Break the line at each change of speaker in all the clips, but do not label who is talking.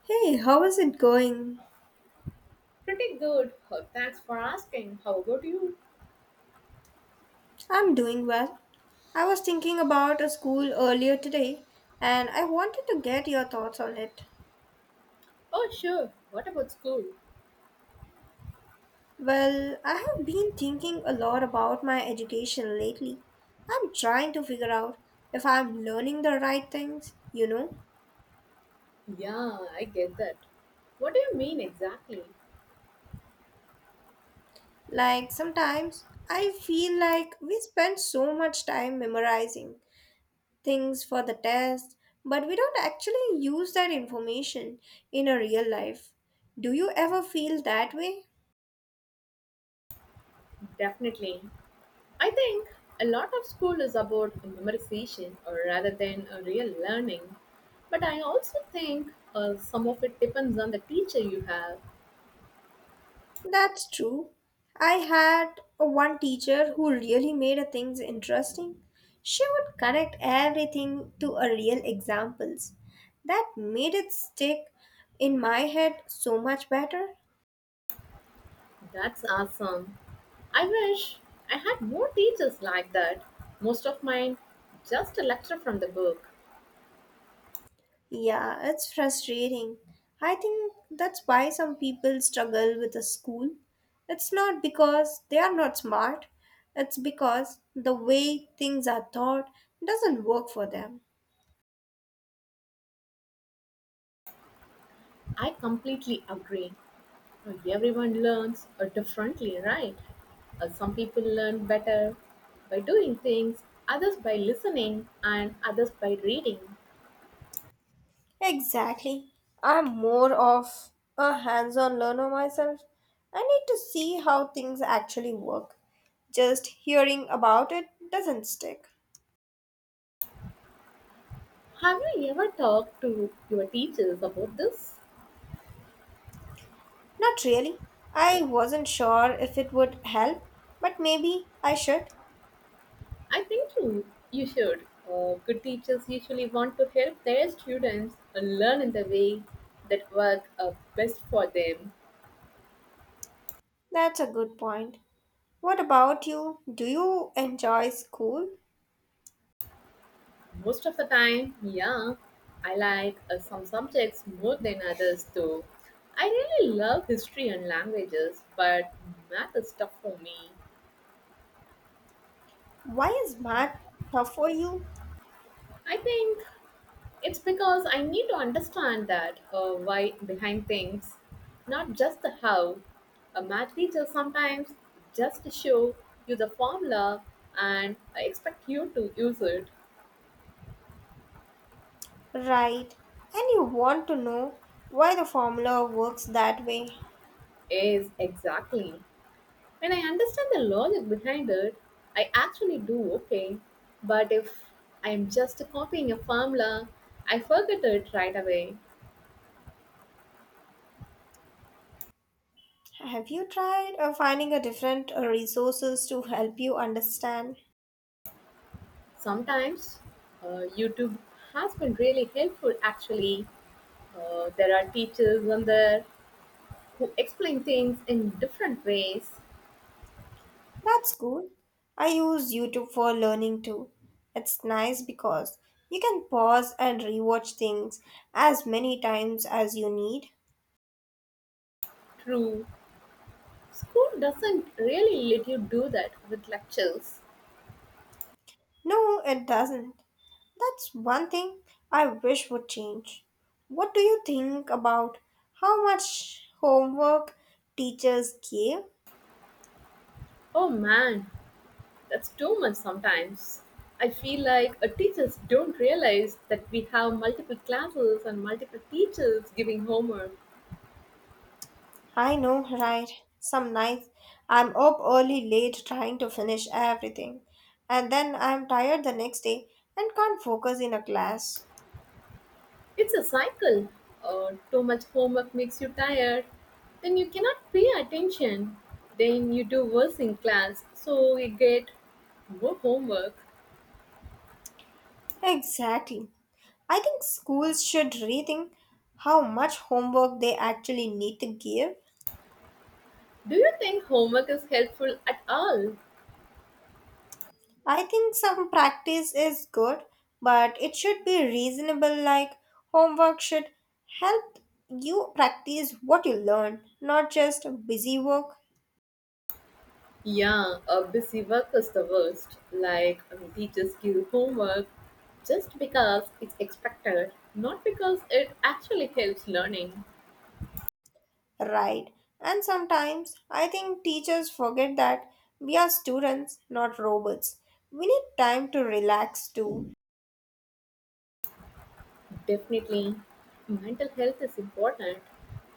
Hey, how is it going?
Pretty good. Oh, thanks for asking. How about you?
I'm doing well. I was thinking about a school earlier today and I wanted to get your thoughts on it.
Oh, sure. What about school?
Well, I have been thinking a lot about my education lately. I'm trying to figure out if I'm learning the right things, you know?
Yeah, I get that. What do you mean exactly?
Like sometimes I feel like we spend so much time memorizing things for the test, but we don't actually use that information in our real life. Do you ever feel that way?
Definitely. I think a lot of school is about memorization or rather than a real learning. But I also think some of it depends on the teacher you have.
That's true. I had a one teacher who really made a things interesting. She would connect everything to a real examples. That made it stick in my head so much better.
That's awesome. I wish I had more teachers like that. Most of mine just a lecture from the book.
Yeah, it's frustrating. I think that's why some people struggle with a school. It's not because they are not smart, it's because the way things are taught doesn't work for them.
I completely agree. Everyone learns differently, right? Some people learn better by doing things, others by listening, and others by reading.
Exactly. I'm more of a hands on learner myself. I need to see how things actually work. Just hearing about it doesn't stick.
Have you ever talked to your teachers about this?
Not really. I wasn't sure if it would help, but maybe I should.
I think you should. Good teachers usually want to help their students learn in the way that work best for them.
That's a good point. What about you? Do you enjoy school?
Most of the time, yeah. I like some subjects more than others though. I really love history and languages, but math is tough for me.
Why is math tough for you?
I think it's because I need to understand that why behind things, not just the how. A math teacher sometimes just show you the formula and expect you to use it.
Right. And you want to know why the formula works that way.
Is exactly. When I understand the logic behind it, I actually do okay. But if I am just copying a formula, I forget it right away.
Have you tried finding a different resources to help you understand?
Sometimes YouTube has been really helpful actually. There are teachers on there who explain things in different ways.
That's cool. I use YouTube for learning too. It's nice because you can pause and rewatch things as many times as you need.
True, school doesn't really let you do that with lectures.
No, it doesn't. That's one thing I wish would change. What do you think about how much homework teachers give?
Oh man, that's too much sometimes. I feel like teachers don't realize that we have multiple classes and multiple teachers giving homework.
I know, right? Some nights I'm up early late trying to finish everything, and then I'm tired the next day and can't focus in a class.
It's a cycle. Too much homework makes you tired. Then you cannot pay attention. Then you do worse in class. So you get more homework.
Exactly. I think schools should rethink how much homework they actually need to give.
Do you think homework is helpful at all?
I think some practice is good, but it should be reasonable, like homework should help you practice what you learn, not just busy work,
Yeah, a busy work is the worst. Teachers give homework just because it's expected, not because it actually helps learning.
right? And sometimes I think teachers forget that we are students, not robots. We need time to relax too.
Definitely, mental health is important.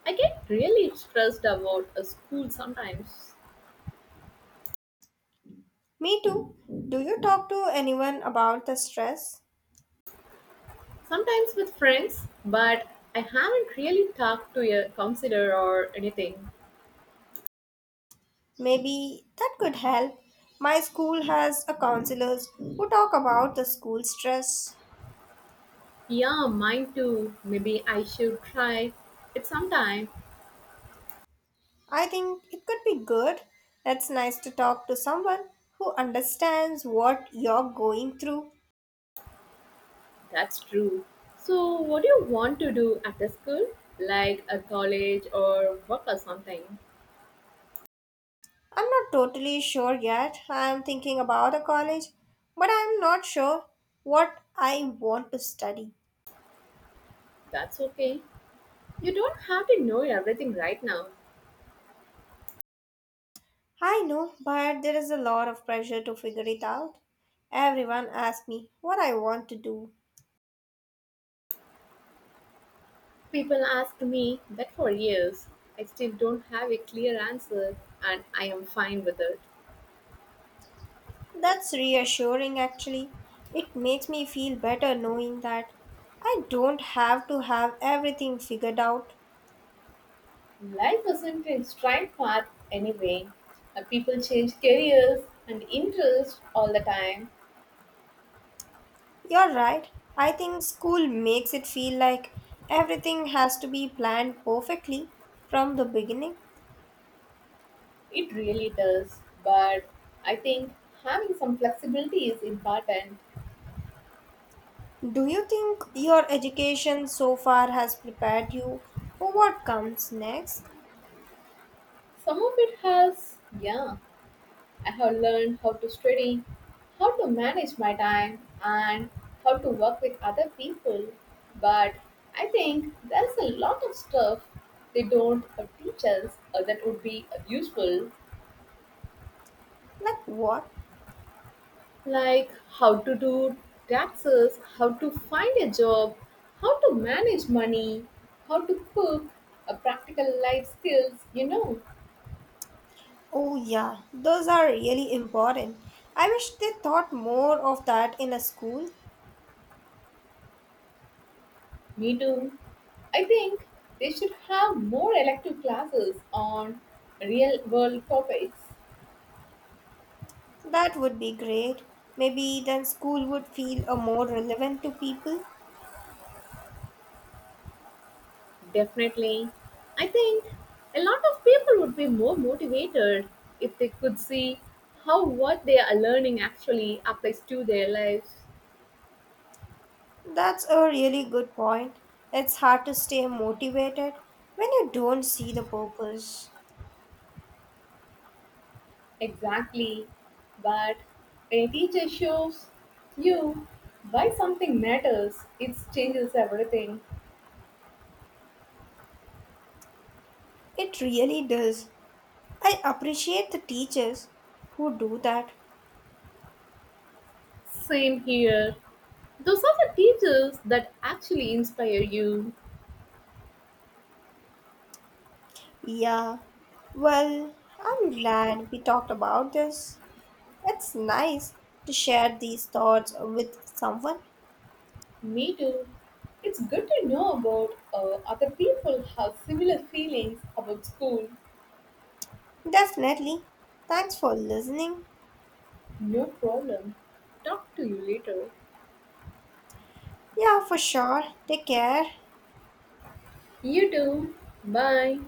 I get really stressed about a school sometimes,
Me too. Do you talk to anyone about the stress?
sometimes with friends, but I haven't really talked to a counselor or anything.
Maybe that could help. My school has a counselors who talk about the school stress.
Yeah, mine too. Maybe I should try it sometime.
I think it could be good. It's nice to talk to someone who understands what you're going through.
That's true. So, what do you want to do after school? Like a college or work or something?
I'm not totally sure yet. I'm thinking about a college, but I'm not sure what I want to study.
That's okay. You don't have to know everything right now.
I know, but there is a lot of pressure to figure it out. Everyone asks me what I want to do.
People ask me that for years. I still don't have a clear answer, and I am fine with it.
That's reassuring actually. It makes me feel better knowing that I don't have to have everything figured out.
Life isn't a straight path anyway. People change careers and interests all the time.
You're right. I think school makes it feel like everything has to be planned perfectly from the beginning.
It really does. But I think having some flexibility is important.
Do you think your education so far has prepared you for what comes next?
Some of it has, yeah. I have learned how to study, how to manage my time, and how to work with other people. But I think there's a lot of stuff they don't teach us that would be useful,
Like what?
like how to do taxes, how to find a job, how to manage money, how to cook, practical life skills, you know.
Oh, yeah, those are really important. I wish they thought more of that in a school.
Me too. I think they should have more elective classes on real world topics.
That would be great. Maybe then school would feel a more relevant to people.
Definitely. I think a lot of people would be more motivated if they could see how what they are learning actually applies to their lives.
That's a really good point. It's hard to stay motivated when you don't see the purpose.
Exactly. But when a teacher shows you why something matters, it changes everything.
It really does. I appreciate the teachers who do that.
Same here. Those are the teachers that actually inspire you.
Yeah, well, I'm glad we talked about this. It's nice to share these thoughts with someone.
Me too. It's good to know about other people have similar feelings about school.
Definitely. Thanks for listening.
No problem. Talk to you later.
Yeah, for sure. Take care.
You too. Bye.